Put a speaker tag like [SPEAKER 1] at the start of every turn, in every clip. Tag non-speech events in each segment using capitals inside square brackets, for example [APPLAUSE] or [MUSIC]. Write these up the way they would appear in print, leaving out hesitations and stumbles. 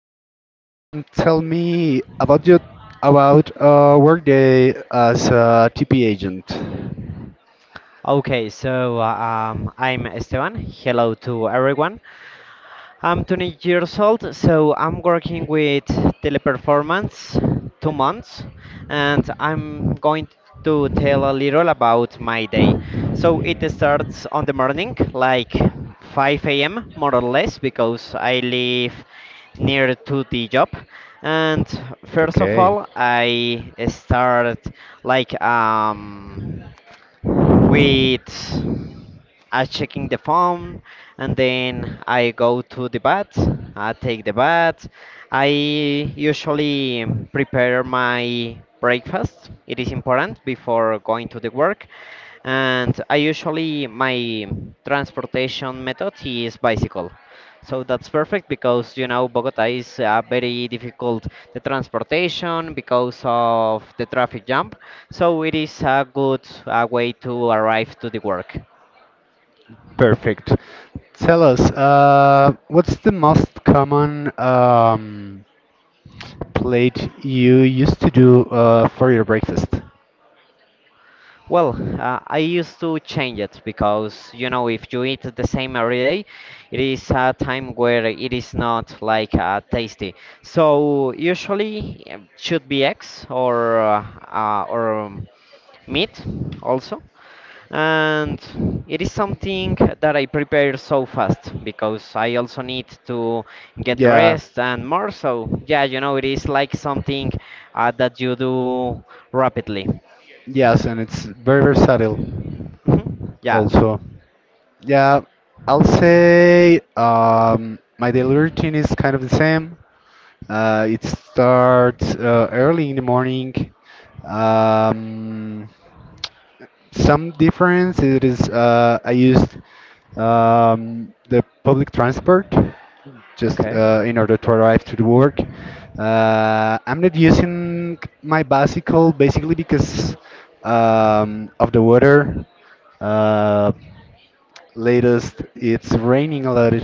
[SPEAKER 1] Tell me about your about work day as a TP agent.
[SPEAKER 2] Okay, so I'm Esteban. Hello to everyone. I'm 20 years old, so I'm working with Teleperformance 2 months, and I'm going to tell a little about my day. So it starts on the morning, like 5 a.m. more or less, because I live near to the job. And first of
[SPEAKER 1] Okay,
[SPEAKER 2] all, I start like um with I checking the phone and then I go to the bath. I take the bath. I usually prepare my breakfast. It is important before going to the work. And I usually my transportation method is bicycle. So that's perfect because you know Bogota is very difficult the transportation because of the traffic jam. So it is a good way to arrive to the work.
[SPEAKER 1] perfect. Tell us, what's the most common plate you used to do for your breakfast?
[SPEAKER 2] Well, I used to change it because you know if you eat the same every day, it is a time where it is not like tasty. So usually should be eggs or or meat also. And it is something that I prepare so fast because I also need to get
[SPEAKER 1] Yeah,
[SPEAKER 2] dressed and more so. Yeah, you know, it is like something that you do rapidly.
[SPEAKER 1] yes, and it's very versatile
[SPEAKER 2] Mhm. Yeah,
[SPEAKER 1] also. Yeah, I'll say my daily routine is kind of the same. It starts early in the morning. Um, some difference it is I used the public transport just
[SPEAKER 2] okay.
[SPEAKER 1] in order to arrive to the work. I'm not using my bicycle basically because of the weather. Uh, latest it's raining a lot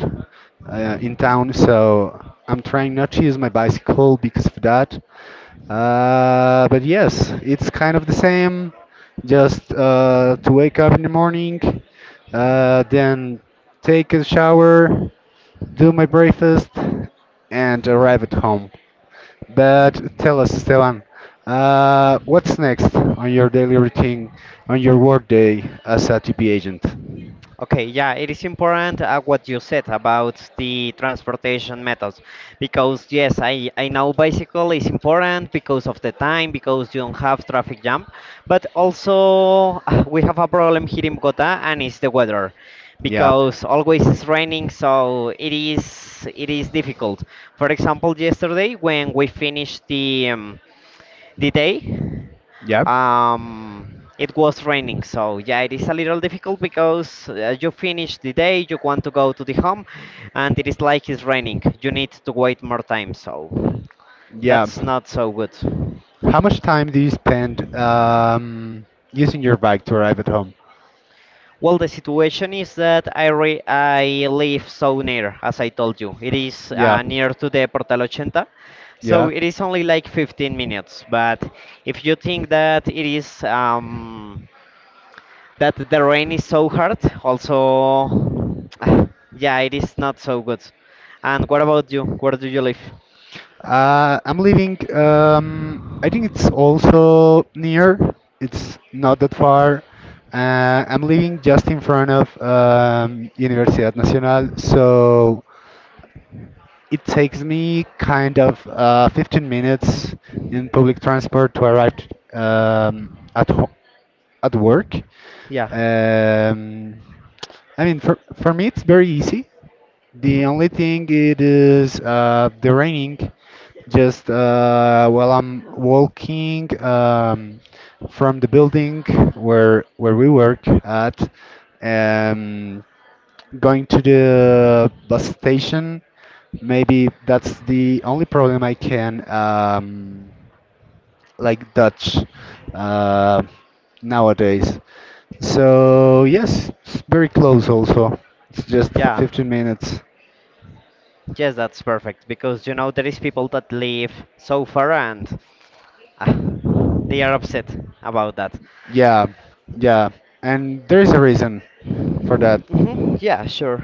[SPEAKER 1] in town, so I'm trying not to use my bicycle because of that. But yes, it's kind of the same. Just to wake up in the morning, then take a shower, do my breakfast, and arrive at home. But tell us, Esteban, what's next on your daily routine, on your work day as a TP agent?
[SPEAKER 2] Okay, yeah, it is important what you said about the transportation methods because yes, I know bicycle is important because of the time, because you don't have traffic jam, but also [SIGHS] we have a problem here in Bogota and it's the weather
[SPEAKER 1] Yeah.
[SPEAKER 2] because always it's raining, so it is difficult. For example, yesterday when we finished the day,
[SPEAKER 1] Yeah,
[SPEAKER 2] it was raining, so yeah, it is a little difficult because you finish the day, you want to go to the home, and it is like it's raining. You need to wait more time, so
[SPEAKER 1] yeah.
[SPEAKER 2] that's not so good.
[SPEAKER 1] How much time do you spend using your bike to arrive at home?
[SPEAKER 2] Well, the situation is that I live so near, as I told you. It is
[SPEAKER 1] Yeah,
[SPEAKER 2] near to the Portal 80, so
[SPEAKER 1] yeah.
[SPEAKER 2] it is only like 15 minutes. But if you think that it is that the rain is so hard. Also, [SIGHS] yeah, it is not so good. And what about you? Where do you live?
[SPEAKER 1] I'm living. I think it's also near. It's not that far. I'm living just in front of Universidad Nacional, so it takes me kind of 15 minutes in public transport to arrive um, at ho at work.
[SPEAKER 2] Yeah.
[SPEAKER 1] Um, I mean, for me, it's very easy.
[SPEAKER 2] Hmm.
[SPEAKER 1] The only thing it is the raining. Just while I'm walking from the building where we work at. Um, going to the bus station. Maybe that's the only problem I can like Dutch uh, nowadays. So yes, it's very close also. It's just
[SPEAKER 2] Yeah.
[SPEAKER 1] 15 minutes.
[SPEAKER 2] Yes, that's perfect because you know there is people that live so far and ah, they are upset about that.
[SPEAKER 1] Yeah, yeah. And there is a reason for that.
[SPEAKER 2] Hmm. Yeah, sure.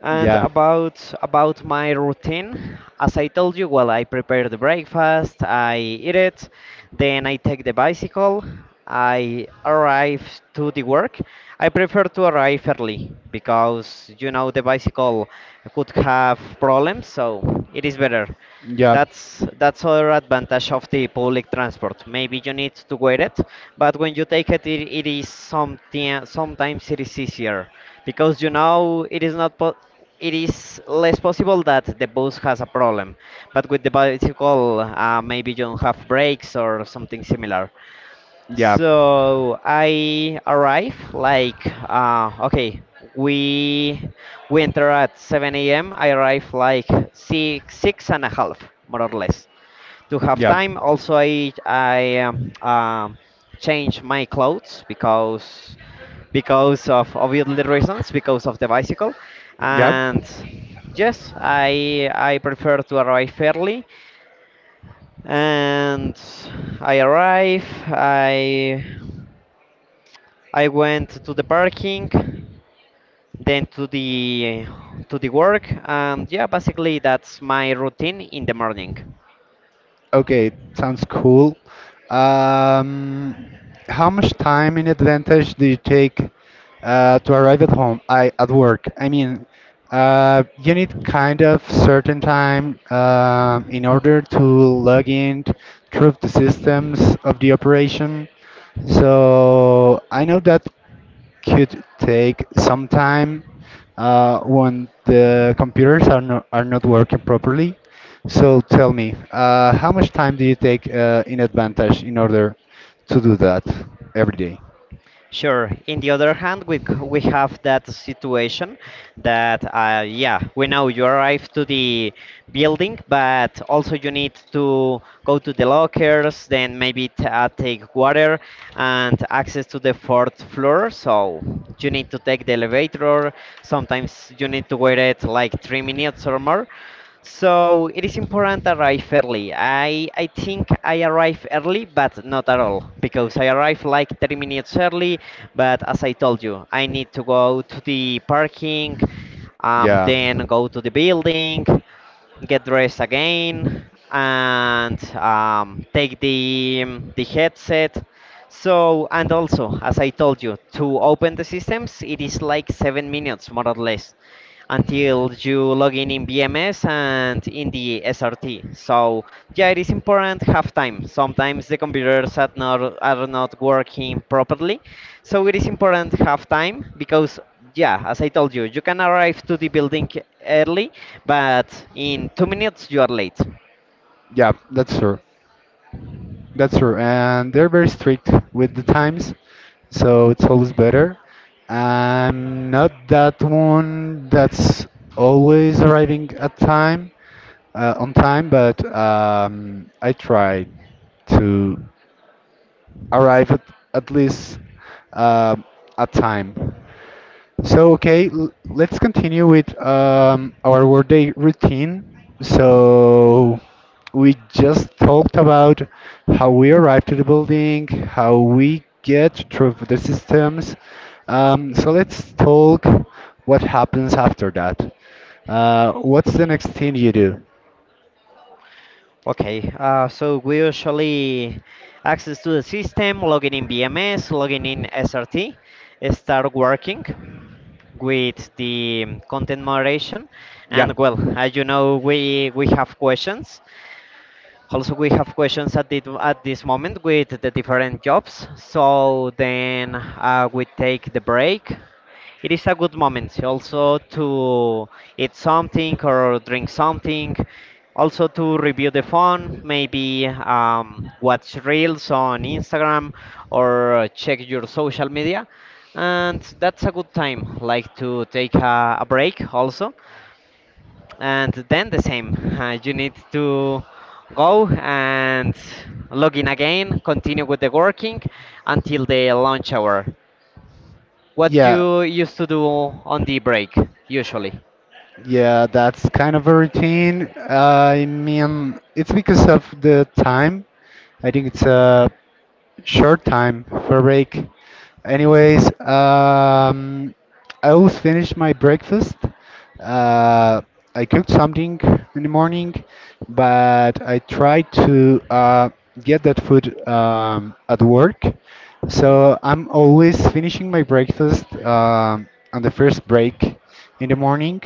[SPEAKER 2] And
[SPEAKER 1] Yeah,
[SPEAKER 2] about my routine, as I told you, well, I prepare the breakfast, I eat it, then I take the bicycle, I arrive to the work. I prefer to arrive early because you know the bicycle could have problems, so it is better.
[SPEAKER 1] yeah,
[SPEAKER 2] That's other advantage of the public transport. Maybe you need to wait it, but when you take it, it is something. Sometimes it is easier because you know it is not. Po- it is less possible that the bus has a problem, but with the bicycle, maybe you don't have brakes or something similar.
[SPEAKER 1] yeah,
[SPEAKER 2] So I arrive like okay. We we enter at 7 a.m. I arrive like six and a half more or less to have
[SPEAKER 1] yeah,
[SPEAKER 2] time. Also, I change my clothes because of obviously reasons because of the bicycle
[SPEAKER 1] yeah.
[SPEAKER 2] and yes I prefer to arrive early and I arrive I went to the parking, then to the work, and yeah, basically that's my routine in the morning.
[SPEAKER 1] Okay, sounds cool. Um, how much time in advantage do you take to arrive at home? I at work. I mean, you need kind of certain time in order to log in, through the
[SPEAKER 2] Mhm.
[SPEAKER 1] systems of the operation. So I know that could take some time when the computers are not working properly.
[SPEAKER 2] Mhm.
[SPEAKER 1] So tell me, how much time do you take in advantage in order to do that every day?
[SPEAKER 2] Sure. In the other hand, we have that situation that yeah, we know you arrive to the building, but also you need to go to the lockers, then maybe take water and access to the 4th floor. So you need to take the elevator. Sometimes you need to wait it like 3 minutes or more. So it is important to arrive early. I think I arrive early, but not at all, because I arrive like 30 minutes early. But as I told you, I need to go to the parking,
[SPEAKER 1] Yeah,
[SPEAKER 2] then go to the building, get dressed again, and take the headset. So, and also, as I told you, to open the systems, it is like 7 minutes more or less until you log in BMS and in the SRT. So yeah, it is important have time. Sometimes the computers are not working properly, so it is important have time because yeah, as I told you, you can arrive to the building early, but in 2 minutes you are late.
[SPEAKER 1] yeah, that's true. That's true, and they're very strict with the times, so it's always better. I'm not that one that's always arriving at time. On time, but I tried to arrive at, least um at time. So, okay, let's continue with our workday routine.
[SPEAKER 2] Mhm.
[SPEAKER 1] So, we just talked about how we arrive to the building, how we get through the systems. So, let's talk what happens after that. What's the next thing you do?
[SPEAKER 2] Okay, so we usually access to the system, login in BMS, login in SRT, start working with the content moderation,
[SPEAKER 1] Yeah.
[SPEAKER 2] and well, as you know, we have questions also, we have questions at this moment with the different jobs. So then we take the break. It is a good moment also to eat something or drink something. Also to review the phone, maybe watch reels on Instagram or check your social media. And that's a good time, like to take a break also and then the same you need to go and log in again continue with the working until the lunch hour what
[SPEAKER 1] Yeah.
[SPEAKER 2] you used to do on the break usually.
[SPEAKER 1] Yeah, that's kind of a routine. I mean, it's because of the time. I think it's short time for a break.
[SPEAKER 2] Mhm,
[SPEAKER 1] Anyways, I will finish my breakfast. Uh, I cooked something in the morning, but I tried to get that food at work.
[SPEAKER 2] mhm,
[SPEAKER 1] So I'm always finishing my breakfast on the first break in the morning.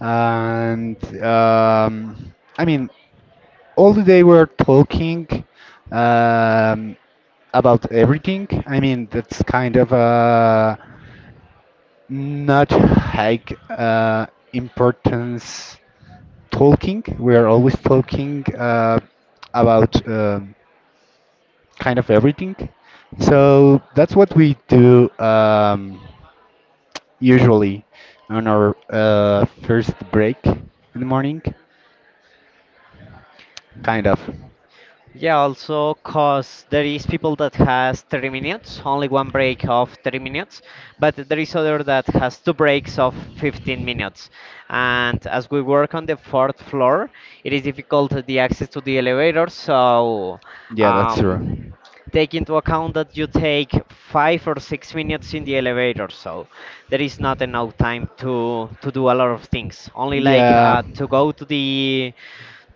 [SPEAKER 1] And I mean, all the day we're talking um, about everything. I mean, that's kind of not like importance talking. We're always talking about kind of everything.
[SPEAKER 2] mhm.
[SPEAKER 1] So that's what we do usually on our first break in the morning. Kind of.
[SPEAKER 2] Yeah, also cause there is people that has 30 minutes, only one break of 30 minutes, but there is other that has two breaks of 15 minutes. And as we work on the 4th floor, it is difficult the access to the elevator, so
[SPEAKER 1] Yeah, that's true.
[SPEAKER 2] um, take into account that you take 5 or 6 minutes in the elevator, so there is not enough time to do a lot of things. Only like
[SPEAKER 1] Yeah.
[SPEAKER 2] to go to the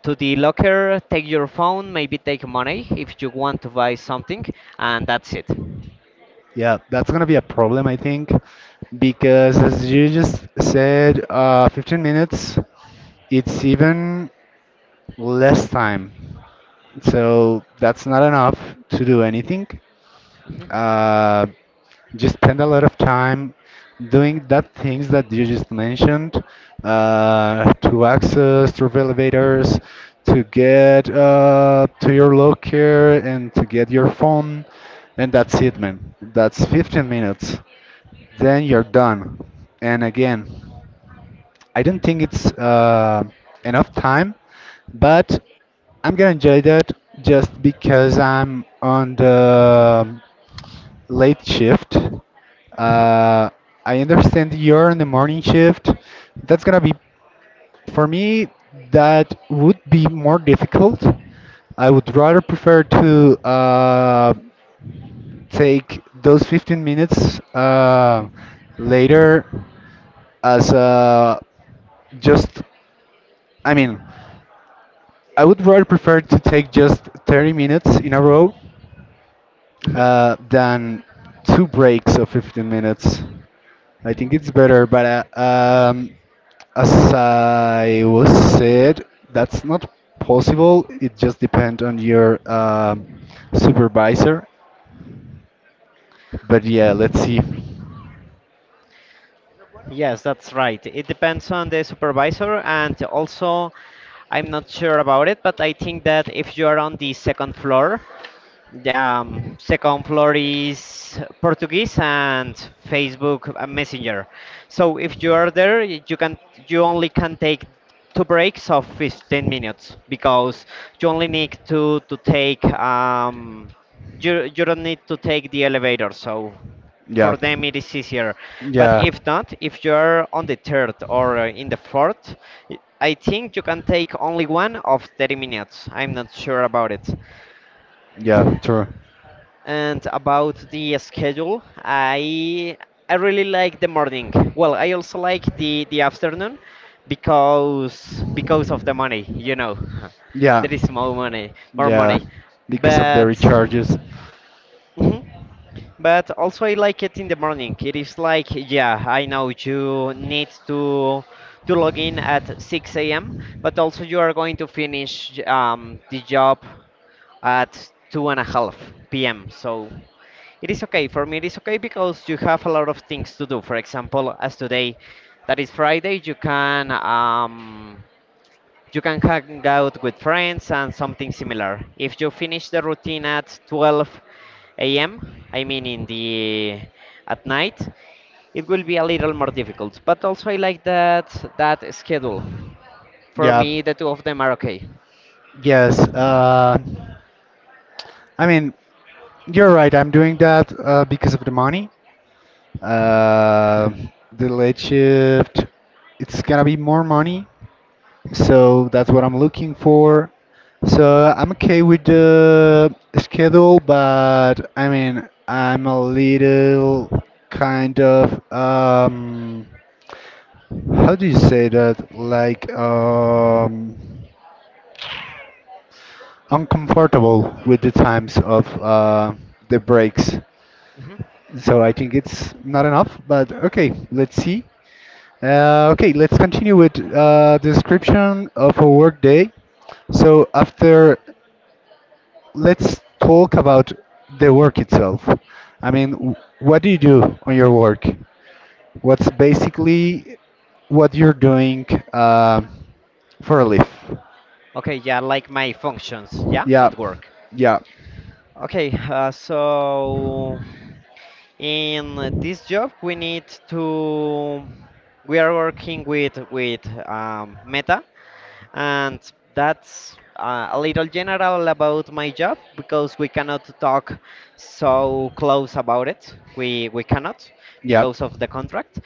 [SPEAKER 2] to the locker, take your phone, maybe take money if you want to buy something, and that's it.
[SPEAKER 1] Yeah, that's gonna be a problem, I think, because as you just said, 15 minutes, it's even less time. So that's not enough to do anything.
[SPEAKER 2] Hmm.
[SPEAKER 1] Uh, you spend a lot of time doing that things that you just mentioned, to access through elevators to get to your locker and to get your phone, and that's it, man. That's 15 minutes, then you're done. And again, I don't think it's enough time, but I'm gonna enjoy that just because I'm on the late shift.
[SPEAKER 2] Hmm.
[SPEAKER 1] Uh, I understand you're on the morning shift. That's gonna be, for me, that would be more difficult. I would rather prefer to take those 15 minutes later as just, I mean, I would rather prefer to take just 30 minutes in a row
[SPEAKER 2] Hmm.
[SPEAKER 1] than two breaks of 15 minutes. I think it's better, but as I was said, that's not possible. It just depends on your supervisor. But yeah, let's see.
[SPEAKER 2] Yes, that's right. It depends on the supervisor, and also, I'm not sure about it, but I think that if you are on the second floor, the second floor is Portuguese and Facebook Messenger. So if you are there, you only can take two breaks of 15 minutes because you only need to take you you don't need to take the elevator. So
[SPEAKER 1] Yeah,
[SPEAKER 2] for them it is easier. But
[SPEAKER 1] yeah,
[SPEAKER 2] if not, if you are on the third or in the fourth, I think you can take only one of 30 minutes. I'm not sure about it.
[SPEAKER 1] yeah, true.
[SPEAKER 2] And about the schedule, I really like the morning. Well, I also like the afternoon because of the money, you know. [LAUGHS]
[SPEAKER 1] Yeah,
[SPEAKER 2] There is more money, more
[SPEAKER 1] yeah,
[SPEAKER 2] money.
[SPEAKER 1] because of the
[SPEAKER 2] But
[SPEAKER 1] recharges.
[SPEAKER 2] mhm. But also I like it in the morning. It is like, yeah, I know you need to log in at 6 a.m., but also you are going to finish the job at two and a half p.m. So it is okay. For me, it is okay because you have a lot of things to do. For example, as today, that is Friday, you can hang out with friends and something similar. If you finish the routine at 12 a.m., I mean in the at night, it will be a little more difficult. But also, I like that schedule. For
[SPEAKER 1] Yeah,
[SPEAKER 2] me, the two of them are okay.
[SPEAKER 1] yes. I mean, you're right. I'm doing that because of the money.
[SPEAKER 2] Mhm,
[SPEAKER 1] Uh, the late shift, it's gonna be more money, so that's what I'm looking for. So I'm okay with the schedule, but I mean, I'm a little kind of how do you say that? Like, uncomfortable with the times of the breaks.
[SPEAKER 2] mhm.
[SPEAKER 1] So I think it's not enough, but okay, let's see. Okay, let's continue with description of a work day. So after, let's talk about the work itself. I mean, what do you do on your work? What's basically what you're doing uh, for a life?
[SPEAKER 2] Okay, yeah, like my functions, yeah,
[SPEAKER 1] Yeah,
[SPEAKER 2] at work.
[SPEAKER 1] yeah,
[SPEAKER 2] Okay, so in this job we need to we are working with with Meta, and that's a little general about my job because we cannot talk so close about it. We cannot
[SPEAKER 1] yeah.
[SPEAKER 2] because of the contract.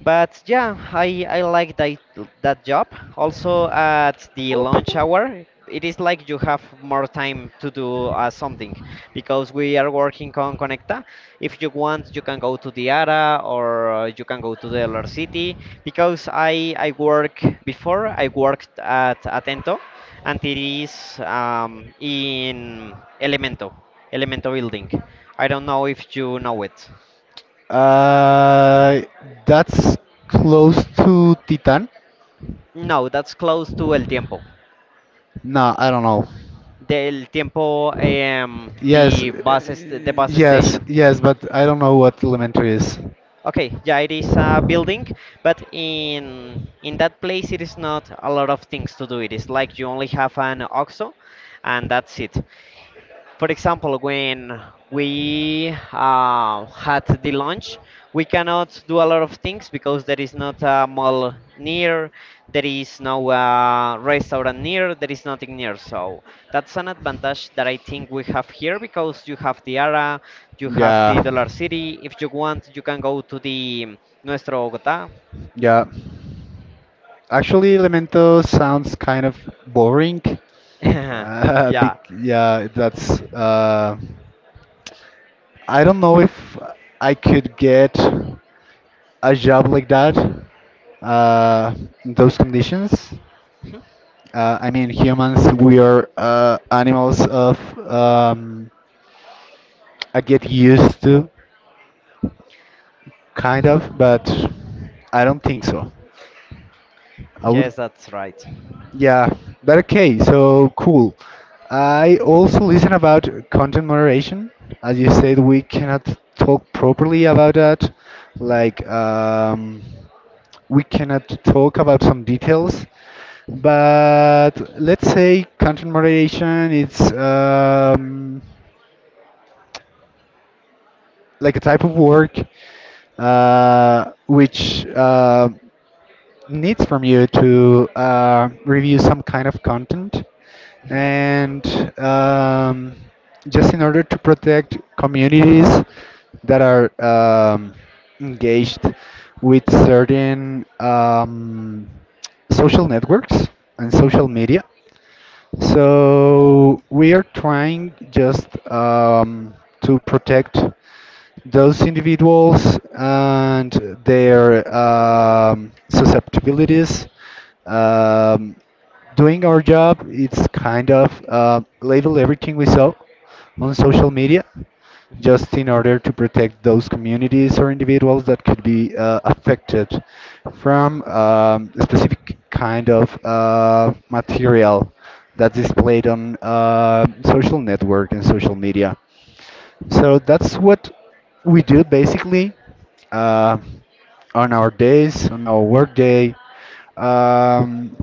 [SPEAKER 2] But yeah, I like that, that job. Also, at the
[SPEAKER 1] Oh,
[SPEAKER 2] lunch hour, it is like you have more time to do something because we are working on Conecta. If you want, you can go to Diara or you can go to the other city because I worked at Atento and it is in Elemento, Elemento building. I don't know if you know it.
[SPEAKER 1] Uh, that's close to Titan.
[SPEAKER 2] No, that's close to El Tiempo.
[SPEAKER 1] No, I don't know.
[SPEAKER 2] Del Tiempo,
[SPEAKER 1] Yes,
[SPEAKER 2] the bus is the bus
[SPEAKER 1] yes,
[SPEAKER 2] station.
[SPEAKER 1] yes, but I don't know what Elemento is.
[SPEAKER 2] Okay, yeah, it is a building, but in that place it is not a lot of things to do. It is like you only have an OXO, and that's it. For example, when we had the launch, we cannot do a lot of things because there is not a mall near, there is no restaurant near, there is nothing near. So that's an advantage that I think we have here because you have the ARA, you have the
[SPEAKER 1] Yeah,
[SPEAKER 2] Dollar City. If you want, you can go to the Nuestro Bogotá.
[SPEAKER 1] yeah. Actually, Elemento sounds kind of boring.
[SPEAKER 2] [LAUGHS]
[SPEAKER 1] [LAUGHS] Bec
[SPEAKER 2] Yeah,
[SPEAKER 1] yeah, that's. I don't know if I could get a job like that uh, in those conditions. I mean, humans, we are animals of I get used to. Kind of, but I don't think so. I would,
[SPEAKER 2] yes, that's right.
[SPEAKER 1] yeah, but okay, so cool. I also listen about content moderation. As you said, we cannot talk properly about that.
[SPEAKER 2] Mhm,
[SPEAKER 1] Like, we cannot talk about some details. But let's say content moderation, it's like a type of work which. Needs from you to review some kind of content and, um, just in order to protect communities that are engaged with certain social networks and
[SPEAKER 2] mhm,
[SPEAKER 1] social media, so we are trying just to protect those individuals and their susceptibilities. Um, doing our job, it's kind of label everything we saw on social media,
[SPEAKER 2] mhm.
[SPEAKER 1] just in order to protect those communities or individuals that could be affected from a specific kind of material that's displayed on social network and social media. So that's what we do basically uh, on our days, on our work day. Um,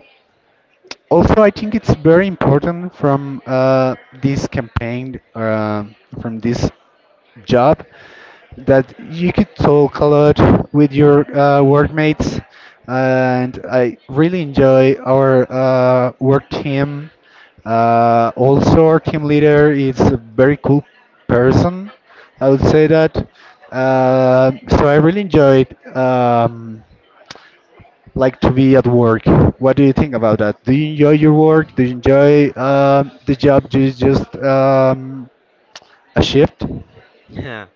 [SPEAKER 1] Also I think it's very important from this campaign, from this job, that you could talk a lot with your workmates. And I really enjoy our work team. Also, our team leader is a very cool person, I would say that. So I really enjoyed, like, to be at work. What do you think about that? Do you enjoy your work? Do you enjoy the job? Just, a shift?
[SPEAKER 2] [LAUGHS] Yeah.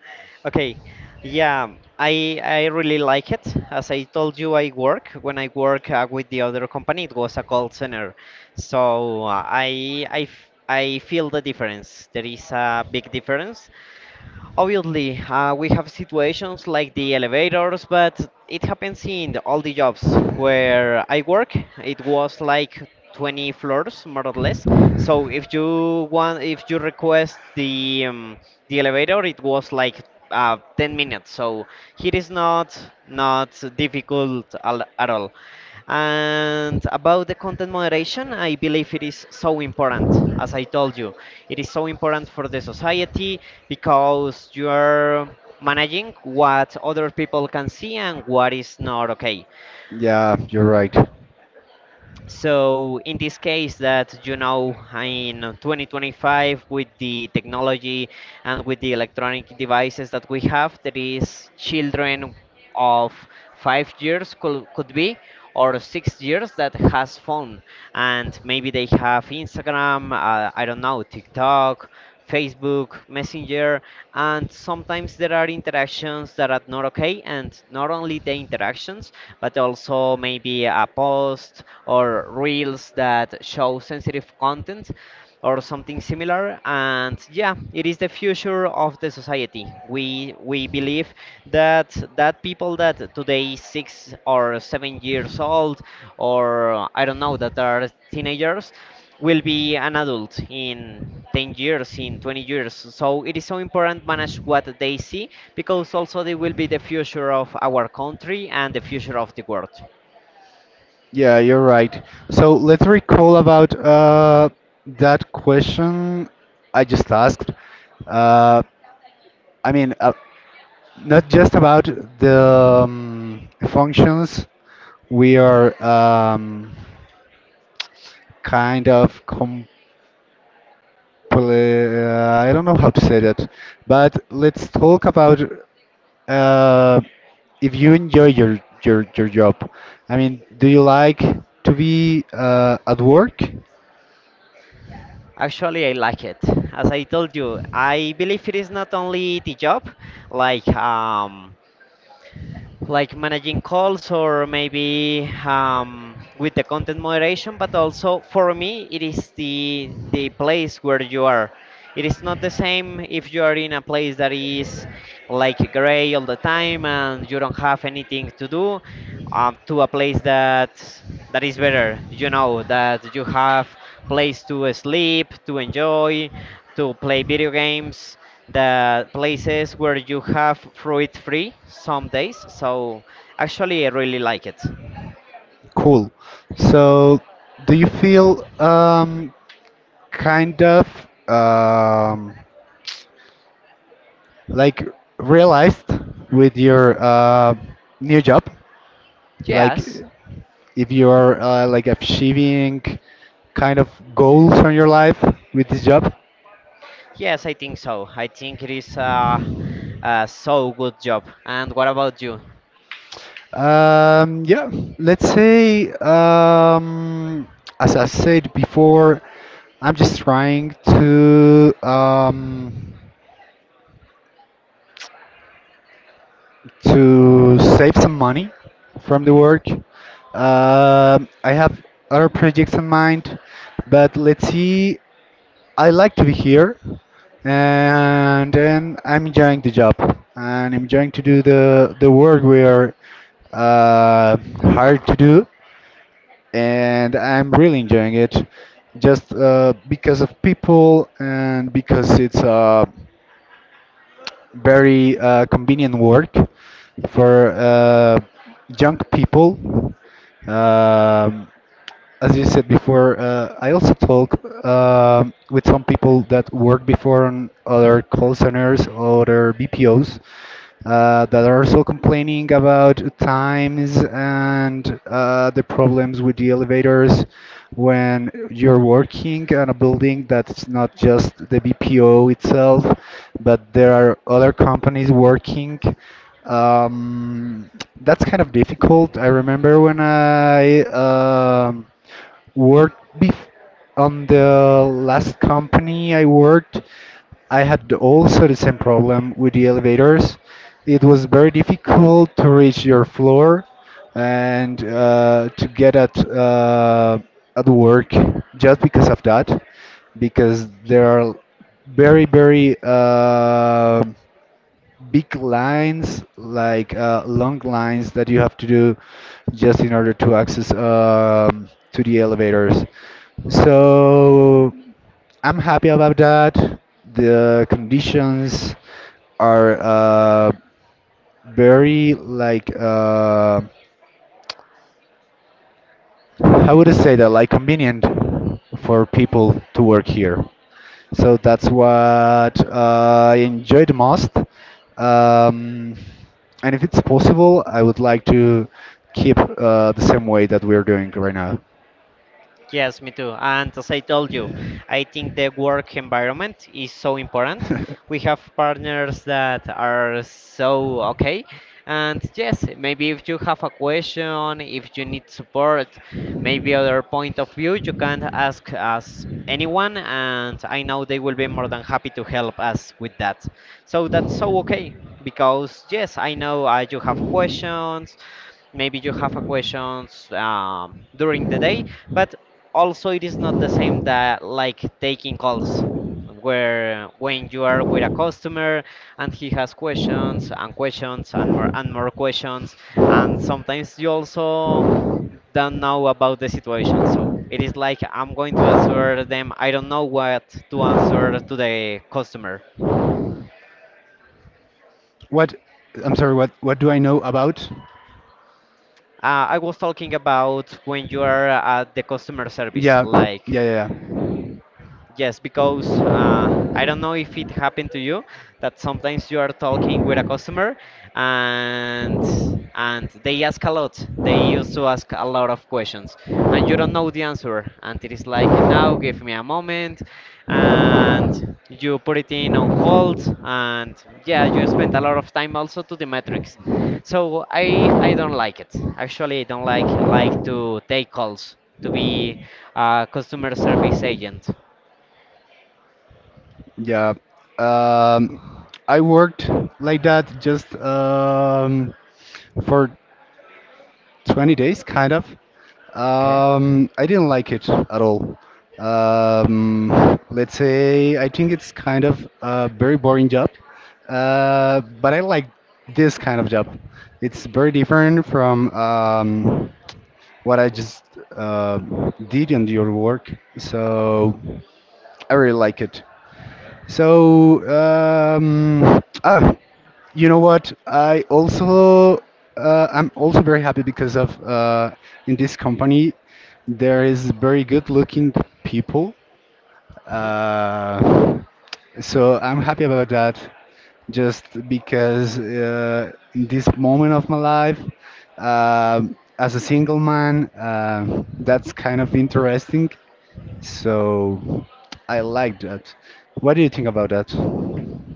[SPEAKER 2] Okay. Yeah, I really like it. As I told you, I work when I work with the other company, it was a call center. So I feel the difference. There is a big difference. Obviously, we have situations like the elevators, but it happens in all the jobs where I work. It was like 20 floors, more or less. So if you want, if you request the the elevator, it was like 10 minutes. So it is not difficult at all. And about the content moderation, I believe it is so important, as I told you. It is so important for the society because you are managing what other people can see and what is not okay.
[SPEAKER 1] Yeah, you're right.
[SPEAKER 2] So in this case, that you know, in 2025, with the technology and with the electronic devices that we have, there is children of 5 years, could be, or 6 years, that has phone, and maybe they have Instagram, I don't know, TikTok, Facebook Messenger. And sometimes there are interactions that are not okay, and not only the interactions, but also maybe a post or reels that show sensitive content or something similar. And yeah, it is the future of the society. We believe that people that today 6 or 7 years old, or I don't know, that are teenagers, will be an adult in 10 years, in 20 years. So it is so important manage what they see, because also they will be the future of our country and the future of the world.
[SPEAKER 1] Yeah, you're right. So let's recall about that question I just asked. Uh, I mean, not just about the functions we are, kind of com. Well, I don't know how to say that, but let's talk about uh, if you enjoy your, your job. I mean, do you like to be at work?
[SPEAKER 2] Actually, I like it. As I told you, I believe it is not only the job, like um, like managing calls, or maybe with the content moderation, but also for me it is the place where you are. It is not the same if you are in a place that is like gray all the time and you don't have anything to do, to a place that is better, you know, that you have place to sleep, to enjoy, to play video games, the places where you have fruit free some days. So actually, I really like it.
[SPEAKER 1] Cool. So, do you feel kind of, um, like, realized with your new job? Like,
[SPEAKER 2] Yes,
[SPEAKER 1] if you are like achieving kind of goals on your life with this job?
[SPEAKER 2] yes, I think so. I think it is a so good job. And what about you?
[SPEAKER 1] Yeah, let's say, as I said before, I'm just trying to, to save some money from the
[SPEAKER 2] Hmm.
[SPEAKER 1] work. I have other projects in mind, but let's see. I like to be here, and then I'm enjoying the job, and I'm enjoying to do the work we are uh, hired to do, and I'm really enjoying it, just because of people and because it's a very convenient work for young people. Um, as you said before, I also talk with some people that work before on other call centers or other BPOs that are also complaining about times and, the problems with the elevators when you're working on a building that's not just the BPO itself, but there are other companies working. Um, that's kind of difficult. I remember when I, worked on the last company I worked, I had also the same problem with the elevators. It
[SPEAKER 2] Hmm.
[SPEAKER 1] was very difficult to reach your floor and, to get at, at work just because of that, because there are very, very, big lines, like, long lines that you have to do just in order to access, to the elevators. So I'm happy about that. The conditions are very, like, how would I say? That? Like convenient
[SPEAKER 2] Hmm.
[SPEAKER 1] for people to work here. So that's what I enjoy the most. Um, and if it's possible, I would like to keep the same way that we're doing right now.
[SPEAKER 2] Yes, me too. And as I told you, I think the work environment is so important. We
[SPEAKER 1] [LAUGHS]
[SPEAKER 2] have partners that are so okay. And yes, maybe if you have a question, if you need support, maybe other point of view, you can ask us anyone, and I know they will be more than happy to help us with that. So that's so okay, because yes, I know you have questions, maybe you have a questions during the day. But also it is not the same that like taking calls, where when you are with a customer and he has questions and questions and more questions, and sometimes you also don't know about the situation. So it is like, I'm going to answer them, I don't know what to answer to the customer.
[SPEAKER 1] What? I'm sorry. What? What do I know about?
[SPEAKER 2] I was talking about when you are at the customer service,
[SPEAKER 1] Yeah,
[SPEAKER 2] like,
[SPEAKER 1] yeah, yeah,
[SPEAKER 2] yes, because I don't know if it happened to you that sometimes you are talking with a customer and and they ask a lot. They used to ask a lot of questions and you don't know the answer. And it is like, now give me a moment, and you put it in on hold. And yeah, you spent a lot of time also to the metrics. So I don't like it. Actually, I don't like to take calls, to be a customer service agent.
[SPEAKER 1] yeah. Yeah. I worked like that just, for 20 days, kind of.
[SPEAKER 2] Okay.
[SPEAKER 1] I didn't like it at all. Let's say, I think it's kind of a very boring job, but I like this kind of job. It's very different from, what I just uh, did in your work, so I really like it. So, you know what? I also, I'm also very happy because of, in this company there is very good looking people.
[SPEAKER 2] Hmm.
[SPEAKER 1] Uh, so I'm happy about that. Just because, in this moment of my life, as a single man, that's kind of interesting. So I like that. What do you think about that?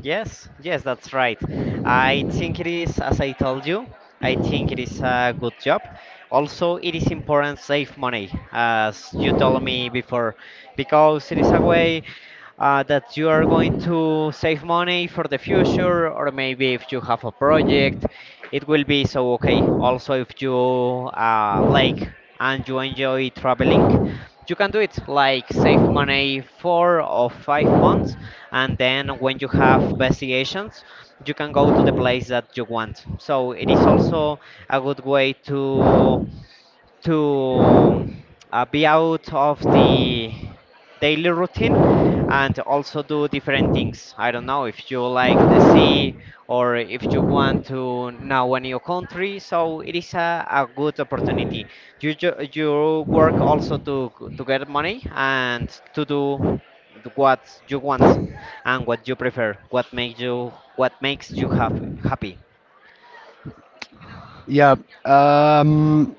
[SPEAKER 2] Yes, yes, that's right. I think it is, as I told you, I think it is a good job. Also, it is important save money, as you told me before, because it is a way that you are going to save money for the future, or maybe if you have a project, it will be so okay. Also, if you like and you enjoy traveling, you can do it, like, save money 4 or 5 months, and then when you have vacations you can go to the place that you want. So it is also a good way to be out of the daily routine, and also do different things. I don't know if you like the sea, or if you want to know a new country. So it is a good opportunity. You, you work also to get money and to do what you want and what you prefer, what makes you happy, happy.
[SPEAKER 1] Yeah, um,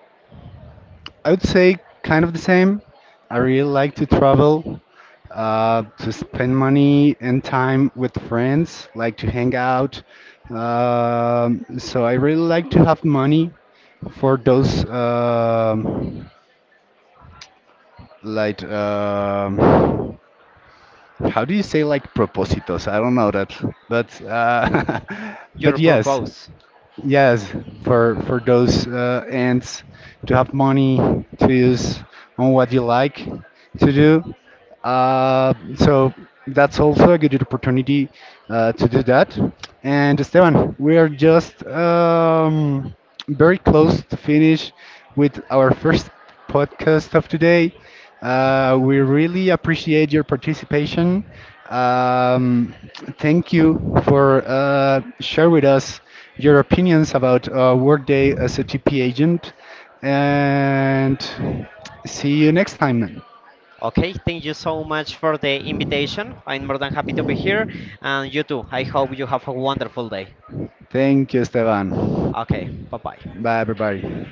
[SPEAKER 1] I would say kind of the same. I really like to travel, to spend money and time with friends, like to hang out. So I really like to have money for those, like, how do you say, like, propósitos? I don't know that, but [LAUGHS] but
[SPEAKER 2] Your
[SPEAKER 1] yes.
[SPEAKER 2] purpose.
[SPEAKER 1] Yes, for those ends to have money to use on what you like to do. So that's also a good opportunity to do that. And Esteban, we are just, very close to finish with our first podcast of today. We really appreciate your participation. Um, thank you for share with us your opinions about Workday as a TP agent, and see you next time.
[SPEAKER 2] Okay, thank you so much for the invitation. I'm more than happy to be here, and you too. I hope you have a wonderful day.
[SPEAKER 1] Thank you,
[SPEAKER 2] Okay,
[SPEAKER 1] Esteban.
[SPEAKER 2] bye bye.
[SPEAKER 1] Bye, everybody.